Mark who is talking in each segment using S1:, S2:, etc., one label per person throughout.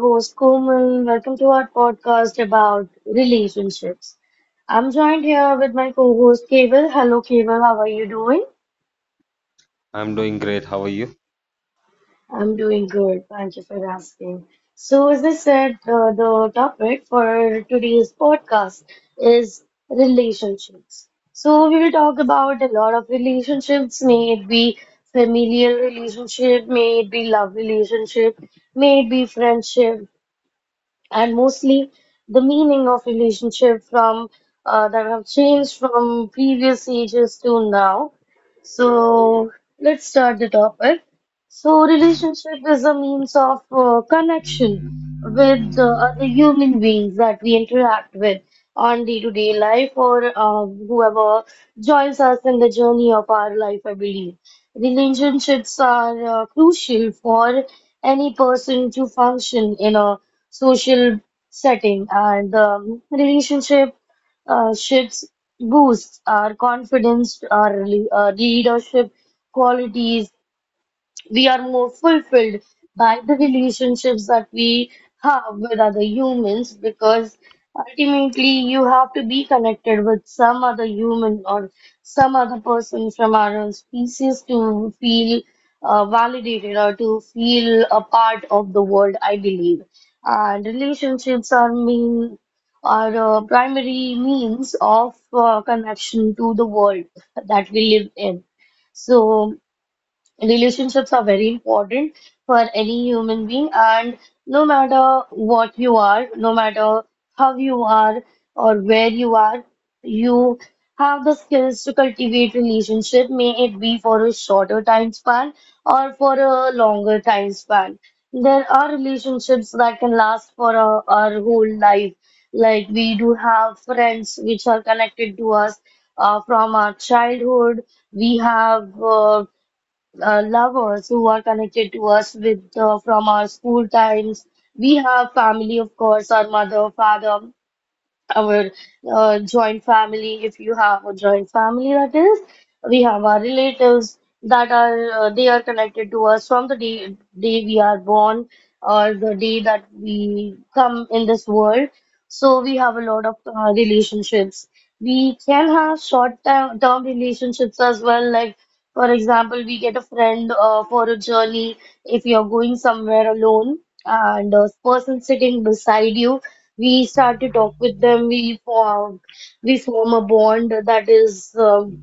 S1: host Komal. Welcome to our podcast about relationships. I'm joined here with my co-host Keval. Hello Keval, how are you doing?
S2: I'm doing great. How are you?
S1: I'm doing good. Thank you for asking. So as I said, the topic for today's podcast is relationships. So we will talk about a lot of relationships, may it be familial relationship, may it be love relationship, may it be friendship, and mostly the meaning of relationship from that have changed from previous ages to now. So let's start the topic. So relationship is a means of connection with other human beings that we interact with on day-to-day life or whoever joins us in the journey of our life, I believe. Relationships are crucial for any person to function in a social setting, and relationship ships boosts our confidence, our leadership qualities. We are more fulfilled by the relationships that we have with other humans, because ultimately you have to be connected with some other human or some other person from our own species to feel validated or to feel a part of the world, I believe. And relationships are primary means of connection to the world that we live in. So relationships are very important for any human being, and no matter what you are, no matter how you are or where you are, you have the skills to cultivate relationship, may it be for a shorter time span or for a longer time span. There are relationships that can last for our whole life, like we do have friends which are connected to us from our childhood. We have lovers who are connected to us with from our school times. We have family, of course, our mother, father, our joint family, if you have a joint family, that is. We have our relatives that are they are connected to us from the day we are born or the day that we come in this world. So we have a lot of relationships. We can have short term relationships as well, like. For example, we get a friend for a journey. If you're going somewhere alone and a person sitting beside you, we start to talk with them, we form a bond that is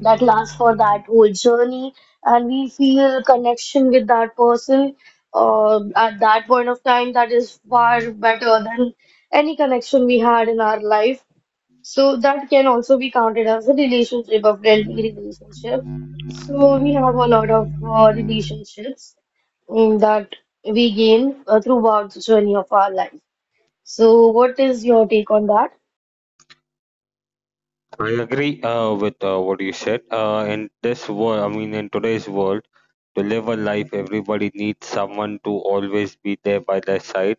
S1: that lasts for that whole journey, and we feel connection with that person at that point of time that is far better than any connection we had in our life. So that can also be counted as a relationship, a friendly relationship. So we have a lot of relationships that we gain throughout the journey of our life. So, what is your take on that?
S2: I agree with what you said. In this world, I mean, in today's world, to live a life, everybody needs someone to always be there by their side.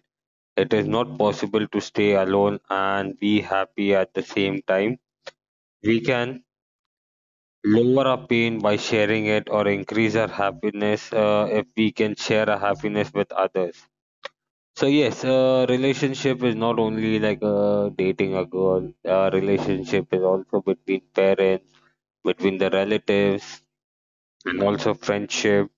S2: It is not possible to stay alone and be happy at the same time. We can lower our pain by sharing it or increase our happiness if we can share our happiness with others. So yes, relationship is not only like dating a girl. Relationship is also between parents, between the relatives, and also friendship.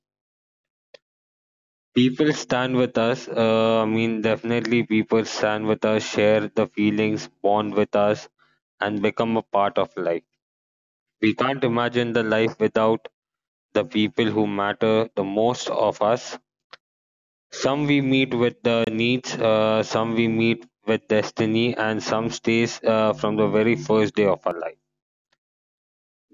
S2: People stand with us. I mean, definitely people stand with us, share the feelings, bond with us, and become a part of life. We can't imagine the life without the people who matter the most of us. Some we meet with the needs, some we meet with destiny, and some stays from the very first day of our life.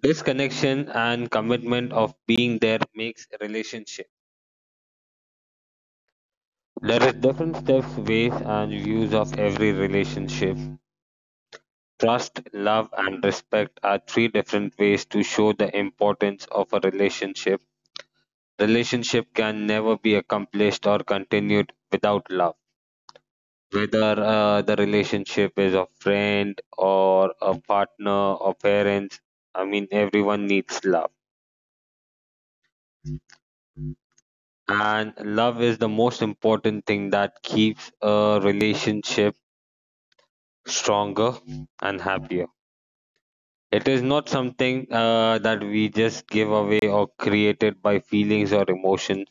S2: This connection and commitment of being there makes relationship. There is different steps, ways, and views of every relationship. Trust, love, and respect are three different ways to show the importance of a relationship. Relationship can never be accomplished or continued without love. Whether the relationship is a friend or a partner or parents, I mean, everyone needs love. And love is the most important thing that keeps a relationship stronger and happier. It is not something that we just give away or created by feelings or emotions.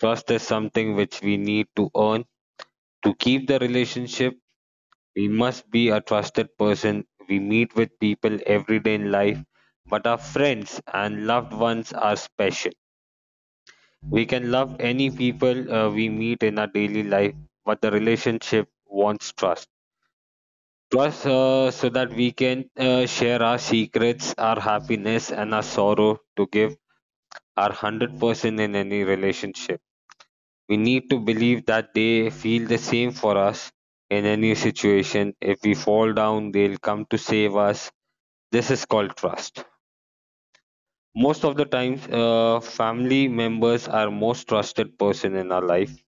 S2: Trust is something which we need to earn. To keep the relationship, we must be a trusted person. We meet with people every day in life, but our friends and loved ones are special. We can love any people we meet in our daily life, but the relationship wants trust. Trust so that we can share our secrets, our happiness, and our sorrow to give are 100% in any relationship. We need to believe that they feel the same for us in any situation. If we fall down, they'll come to save us. This is called trust. Most of the times, family members are most trusted person in our life,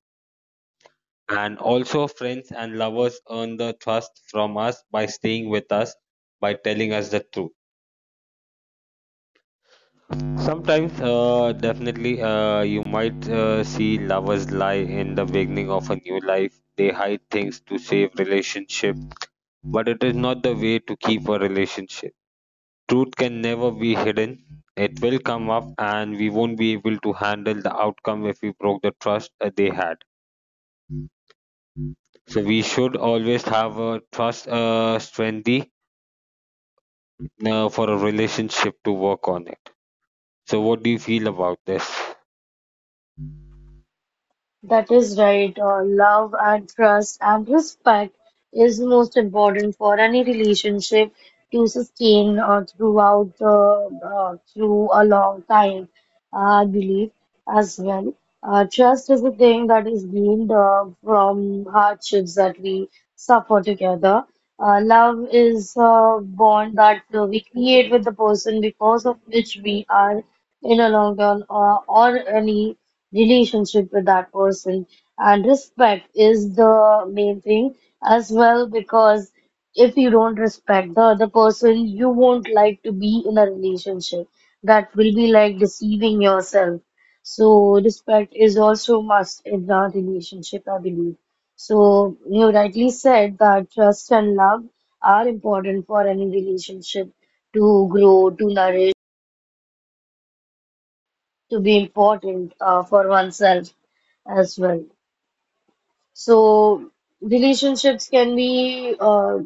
S2: and also friends and lovers earn the trust from us by staying with us, by telling us the truth. Sometimes, definitely, you might see lovers lie in the beginning of a new life. They hide things to save relationship, but it is not the way to keep a relationship. Truth can never be hidden. It will come up, and we won't be able to handle the outcome if we broke the trust they had. So we should always have a trust strengthy for a relationship to work on it. So what do you feel about this?
S1: That is right. Love and trust and respect is most important for any relationship to sustain throughout the through a long time. I believe as well. Trust is a thing that is gained from hardships that we suffer together. Love is a bond that we create with the person, because of which we are in a long term or any relationship with that person. And respect is the main thing as well, because if you don't respect the other person, you won't like to be in a relationship. That will be like deceiving yourself. So respect is also must in a relationship, I believe. So you rightly said that trust and love are important for any relationship to grow, to nourish, to be important for oneself as well. So relationships can be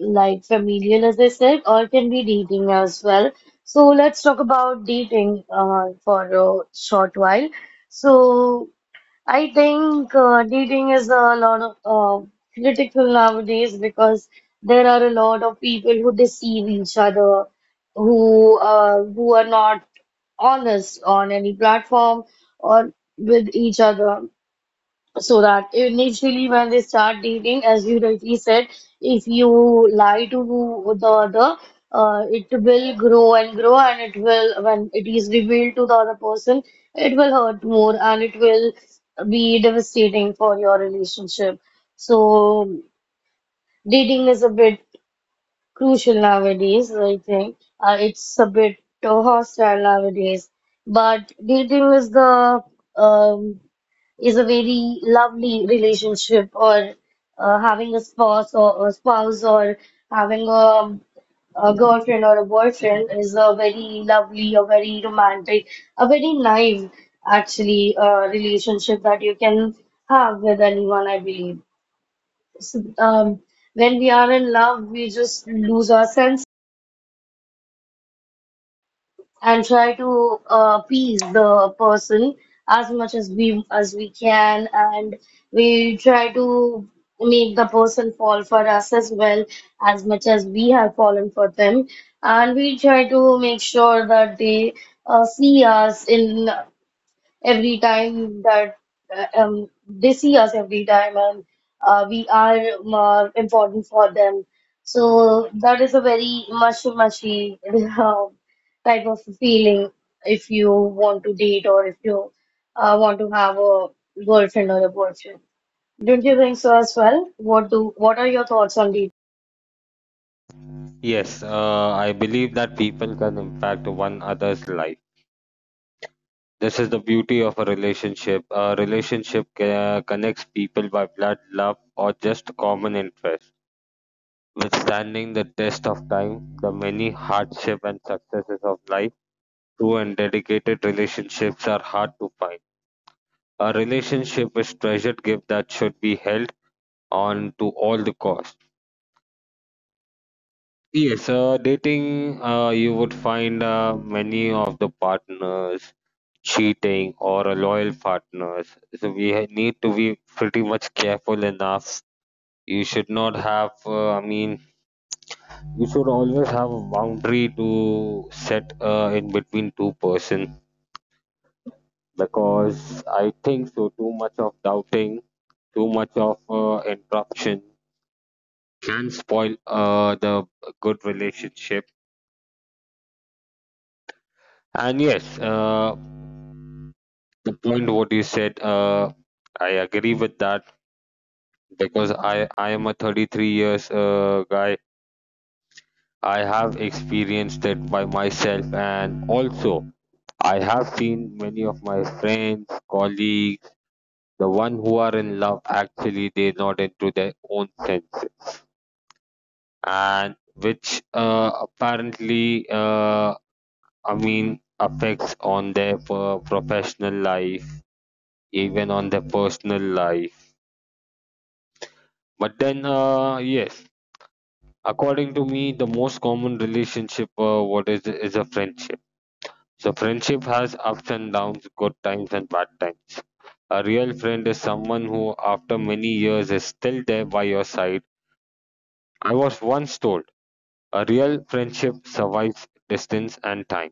S1: like familial, as I said, or can be dating as well. So let's talk about dating for a short while. So I think dating is a lot of critical nowadays, because there are a lot of people who deceive each other, who are not honest on any platform or with each other. So that initially when they start dating, as you rightly said, if you lie to the other, it will grow and grow, and it will, when it is revealed to the other person, it will hurt more and it will be devastating for your relationship. So dating is a bit crucial nowadays, I think. It's a bit hostile nowadays, but dating is the um, is a very lovely relationship, or having a spouse, or having a girlfriend or a boyfriend is a very lovely, a very romantic, a very naive actually relationship that you can have with anyone, I believe. So, when we are in love, we just lose our sense and try to appease the person as much as we can, and we try to make the person fall for us as well as much as we have fallen for them, and we try to make sure that they see us in every time, that they see us every time and we are important for them. So that is a very mushy uh, type of feeling if you want to date or if you want to have a girlfriend or a boyfriend. Don't you think so as well? What do what are your thoughts on dating?
S2: Yes, I believe that people can impact one another's life. This is the beauty of a relationship. A relationship connects people by blood, love, or just common interest. Withstanding the test of time, the many hardships and successes of life, true and dedicated relationships are hard to find. A relationship is treasured gift that should be held on to all the cost. Yes, dating, you would find many of the partners cheating or a loyal partners. So we need to be pretty much careful enough. You should not have, I mean, you should always have a boundary to set in between two-person because I think so. Too much of doubting, too much of interruption can spoil the good relationship. And yes, the point what you said I agree with that because I am a 33 years guy. I have experienced it by myself, and also I have seen many of my friends, colleagues, the one who are in love. Actually, they're not into their own sense, and which apparently uh, I mean affects on their professional life, even on their personal life. But then yes, according to me, the most common relationship what is a friendship. So friendship has ups and downs, good times and bad times. A real friend is someone who, after many years, is still there by your side. I was once told a real friendship survives distance and time.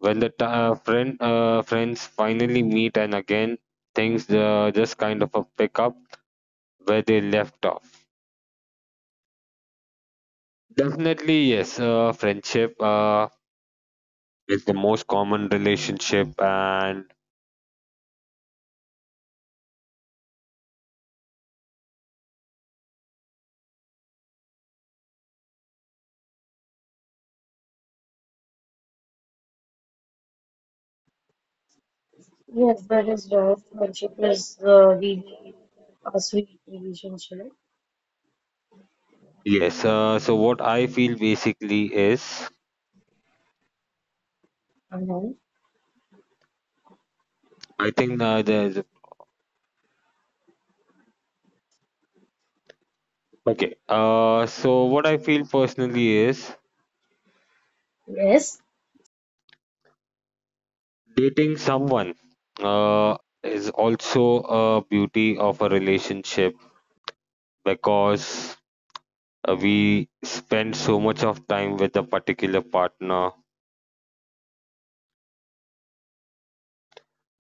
S2: When the friends finally meet and again, things just kind of a pick up where they left off. Definitely, yes. Friendship it's the most common relationship. And
S1: Yes, that is right. Friendship is really a sweet relationship.
S2: yes. So what I feel basically is,
S1: Uh-huh.
S2: I think there's okay. So what I feel personally is
S1: Yes,
S2: dating someone uh, is also a beauty of a relationship because we spend so much of time with a particular partner,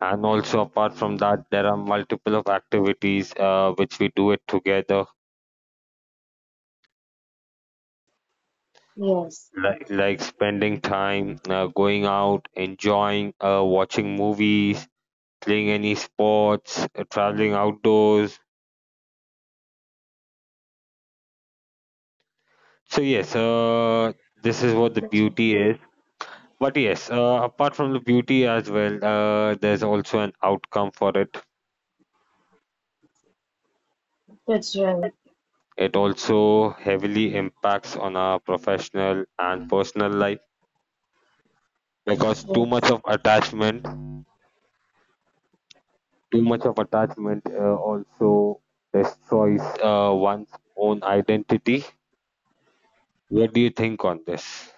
S2: and also apart from that, there are multiple of activities which we do it together.
S1: yes.
S2: Like spending time, going out, enjoying, watching movies, playing any sports, traveling outdoors. So yes, this is what the
S1: That's right.
S2: beauty is. But yes, apart from the beauty as well, there's also an outcome for it.
S1: That's right.
S2: It also heavily impacts on our professional and personal life because too much
S1: Yes.
S2: of attachment, also destroys one's own identity. What do you think on this?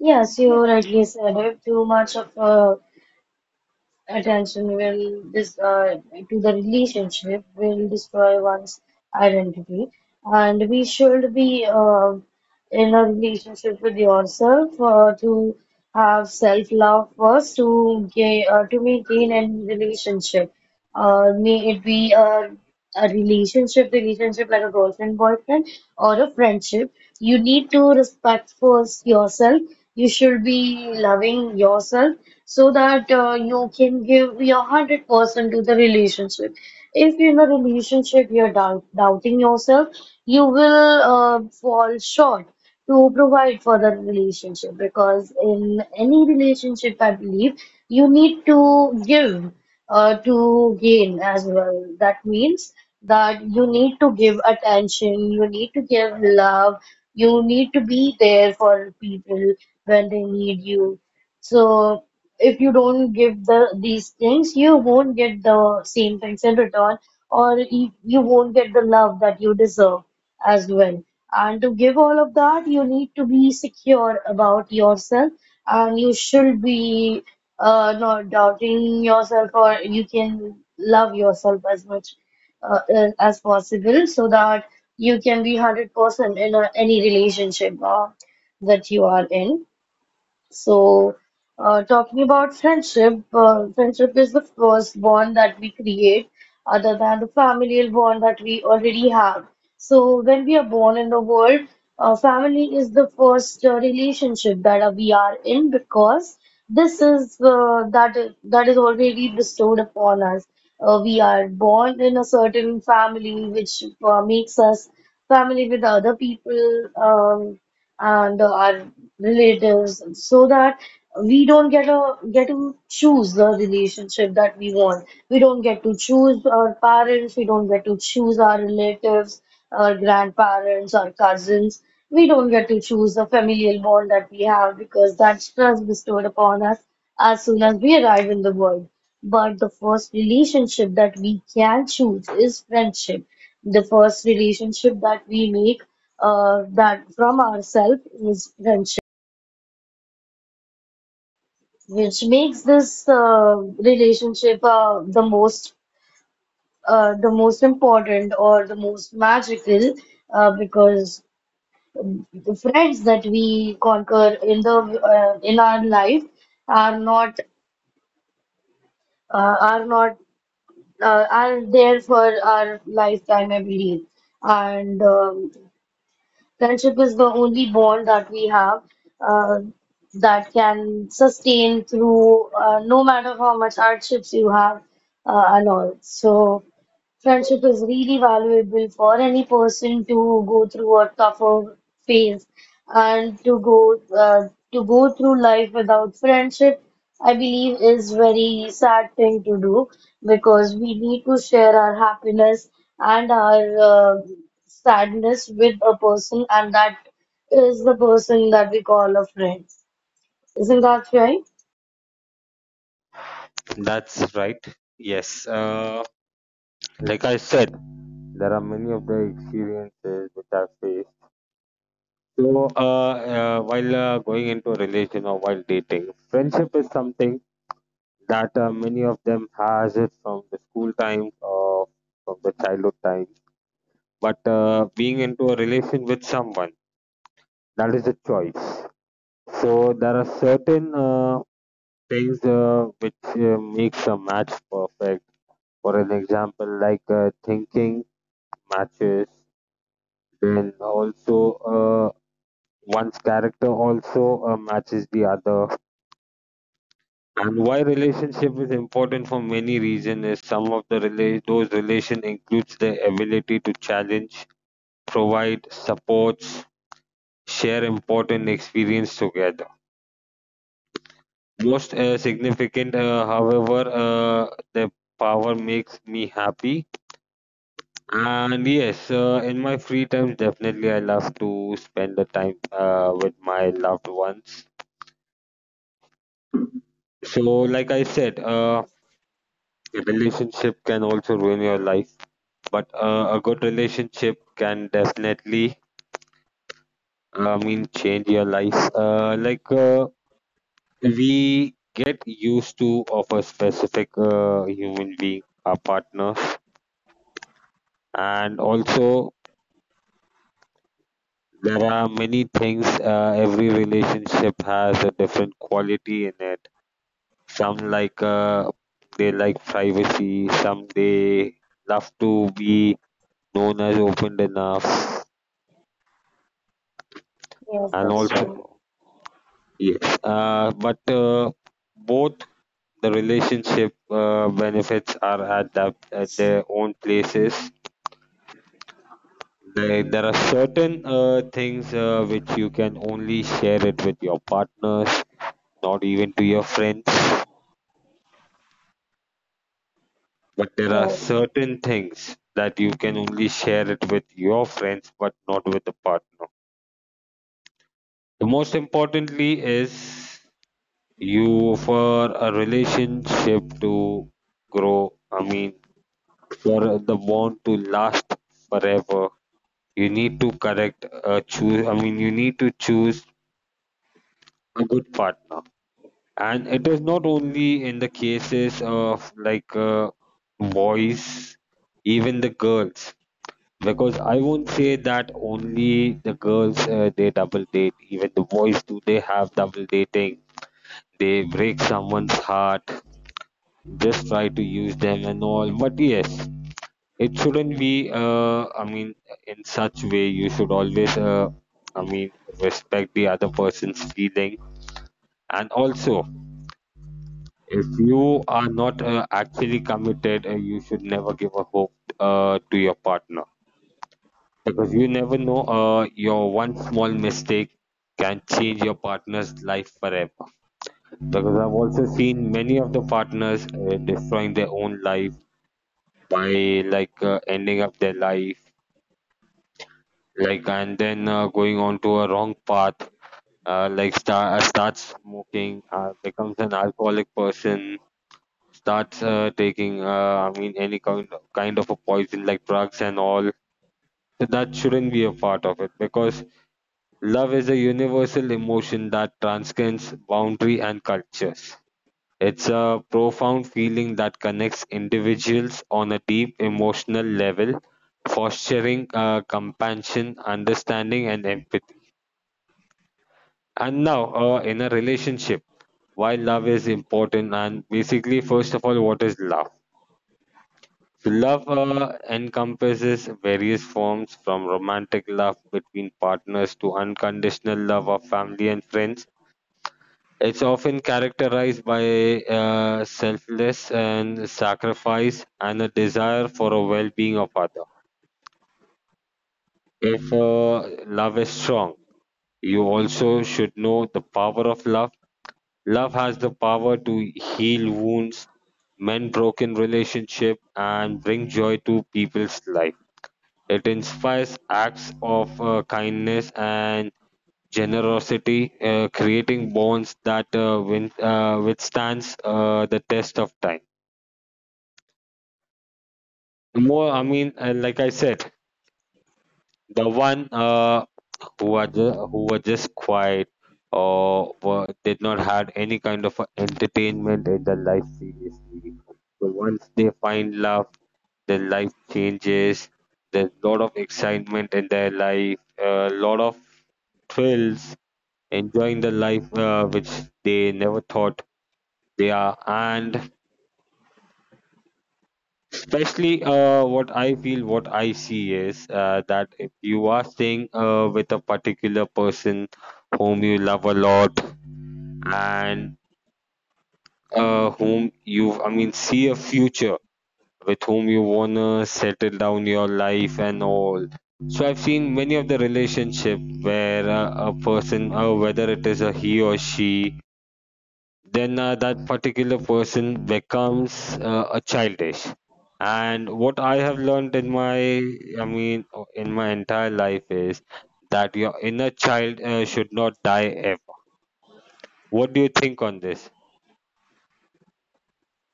S1: Yes, you rightly said it. Too much of attention will dis to the relationship will destroy one's identity, and we should be in a relationship with yourself to have self-love first to gain to maintain any relationship. May it be a relationship, relationship like a girlfriend, boyfriend, or a friendship. You need to respect first yourself. You should be loving yourself so that you can give your 100% to the relationship. If in a relationship you're doubting yourself, you will fall short to provide for the relationship, because in any relationship, I believe, you need to give to gain as well. That means that you need to give attention, you need to give love, you need to be there for people when they need you. So if you don't give the these things, you won't get the same things in return, or you won't get the love that you deserve as well. And to give all of that, you need to be secure about yourself and you should be not doubting yourself, or you can love yourself as much as possible so that you can be 100% in any relationship that you are in. So, talking about friendship, friendship is the first bond that we create other than the familial bond that we already have. So, when we are born in the world, family is the first relationship that we are in, because this is that is already bestowed upon us. We are born in a certain family which makes us family with other people. And our relatives, so that we don't get to choose the relationship that we want. We don't get to choose our parents, we don't get to choose our relatives, our grandparents, our cousins. We don't get to choose the familial bond that we have, because that's trust bestowed upon us as soon as we arrive in the world. But the first relationship that we can choose is friendship. The first relationship that we make that from ourselves is friendship, which makes this relationship the most important or the most magical because the friends that we conquer in the in our life are not are not are there for our lifetime every day, and friendship is the only bond that we have uh, that can sustain through no matter how much hardships you have and all. So friendship is really valuable for any person to go through a tougher phase, and to go through life without friendship, I believe, is very sad thing to do, because we need to share our happiness and our uh, sadness with a person, and that is the person that we call a friend. Isn't that right?
S2: That's right. Yes. Like I said, there are many of the experiences which I faced. So, while going into a relation or while dating, friendship is something that many of them has it from the school time or from the childhood time. But being into a relation with someone, that is a choice. So there are certain things which makes a match perfect. For an example, like thinking matches, then also one's character also matches the other. And why relationship is important for many reasons is some of the those relation includes the ability to challenge, provide supports, share important experience together. Most significant, however, the power makes me happy. And yes, in my free time, definitely I love to spend the time with my loved ones. So, like I said, a relationship can also ruin your life, but a good relationship can definitely, I mean, change your life. Like we get used to of a specific human being, our partners, and also there are many things. Every relationship has a different quality in it. Some like they like privacy. Some they love to be known as open enough,
S1: Yes,
S2: and
S1: that's
S2: also
S1: right.
S2: yes, but both the relationship benefits are at, at their own places. There are certain things which you can only share it with your partners, not even to your friends. But there are
S1: Yes.
S2: certain things that you can only share it with your friends, but not with the partner. The most importantly is you for a relationship to grow. I mean, for the bond to last forever, you need to correct, choose, I mean, you need to choose a good partner. And it is not only in the cases of like boys, even the girls, because I won't say that only the girls they double date, even the boys do they have double dating. They break someone's heart, just try to use them and all. But yes, it shouldn't be I mean in such way. You should always I mean respect the other person's feeling, and also if you are not actually committed, you should never give a hope to your partner because you never know your one small mistake can change your partner's life forever. Because I've also seen many of the partners destroying their own life by like ending up their life, like, and then going on to a wrong path like starts smoking, becomes an alcoholic person, starts taking I mean any kind of, a poison like drugs and all. So that shouldn't be a part of it because love is a universal emotion that transcends boundary and cultures. It's a profound feeling that connects individuals on a deep emotional level, fostering compassion, understanding, and empathy. And now, in a relationship, why love is important, and basically, first of all, what is love? So love encompasses various forms, from romantic love between partners to unconditional love of family and friends. It's often characterized by selfless and sacrifice and a desire for a well-being of other. If love is strong, you also should know the power of love. Love has the power to heal wounds, mend broken relationships, and bring joy to people's life. It inspires acts of kindness and generosity, creating bonds that win, withstands the test of time. More, I mean, like I said, the one who are who were just quiet or were, did not had any kind of a entertainment in their life seriously. So once they find love, their life changes. There's a lot of excitement in their life, a lot of thrills, enjoying the life which they never thought they are, and especially, what I feel, what I see is that if you are staying with a particular person whom you love a lot and whom you, I mean, see a future with, whom you wanna settle down your life and all. So I've seen many of the relationship where a person, whether it is a he or she, then that particular person becomes a childish. And what I have learned in my, I mean, in my entire life is that your inner child should not die ever. What do you think on this?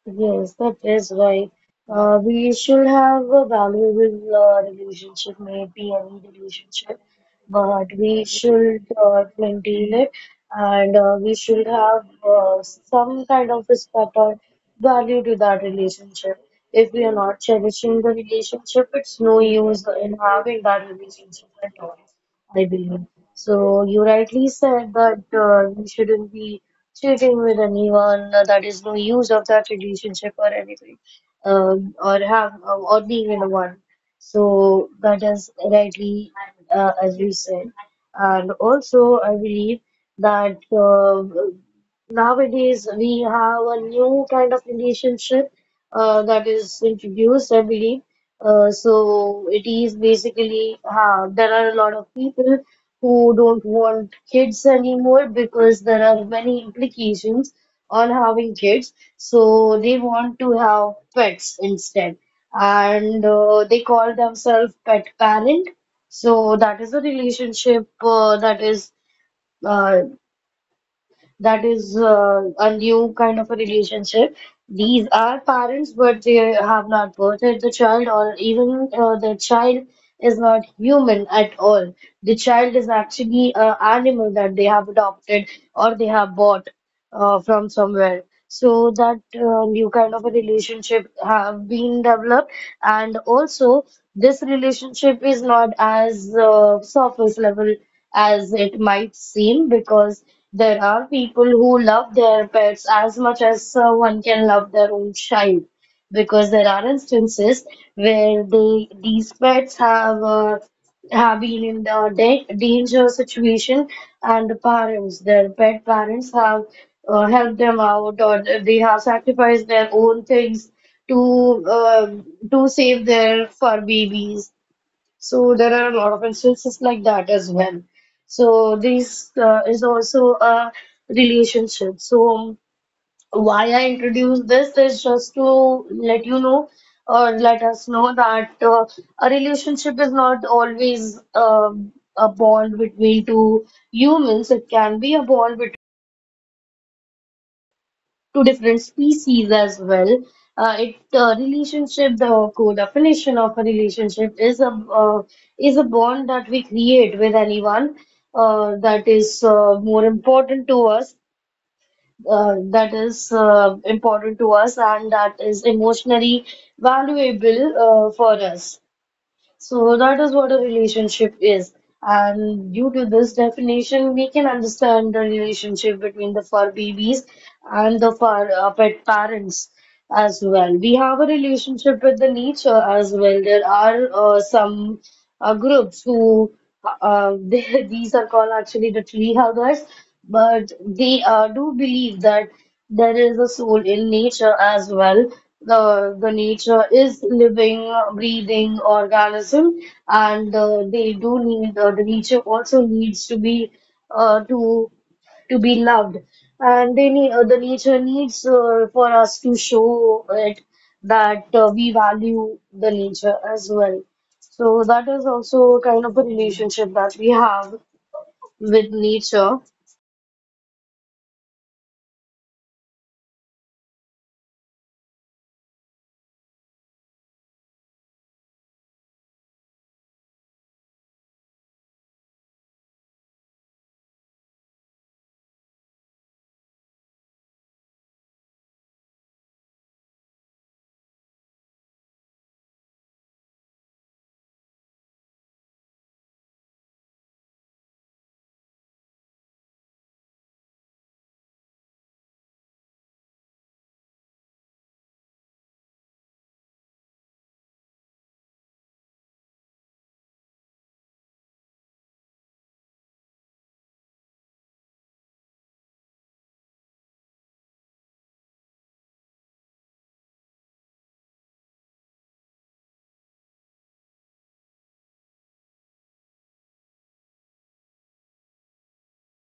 S1: Yes, that is right. We should have a valuable relationship, maybe any relationship, but we should maintain it, and we should have some kind of respect or value to that relationship. If we are not cherishing the relationship, it's no use in having that relationship at all, I believe. So you rightly said that we shouldn't be cheating with anyone, that is no use of that relationship or anything, or have or being in one. So that is rightly as you said, and also I believe that uh, nowadays we have a new kind of relationship that is introduced, I believe. So it is basically there are a lot of people who don't want kids anymore, because there are many implications on having kids. So they want to have pets instead. And they call themselves pet parent. So that is a relationship uh, that is a new kind of a relationship. These are parents, but they have not birthed the child, or even the child is not human at all. The child is actually an animal that they have adopted or they have bought from somewhere. So that new kind of a relationship have been developed, and also this relationship is not as surface level as it might seem, because there are people who love their pets as much as one can love their own child, because there are instances where they these pets have been in the da danger situation, and the parents, their pet parents, have helped them out, or they have sacrificed their own things to uh, to save their fur babies. So there are a lot of instances like that as well. So this is also a relationship. So why I introduced this is just to let you know or let us know that a relationship is not always a bond between two humans. It can be a bond between to different species as well. It relationship, the co-definition of a relationship uh, is a bond that we create with anyone that is more important to us, that is important to us, and that is emotionally valuable for us. So that is what a relationship is. And due to this definition, we can understand the relationship between the fur babies and the fur pet parents as well. We have a relationship with the nature as well. There are some groups who they, these are called actually the tree huggers. But they do believe that there is a soul in nature as well. The nature is living, breathing organism, and they do need the nature also needs to be uh, to to be loved, and they need the nature needs for us to show it that we value the nature as well. So that is also kind of a relationship that we have with nature.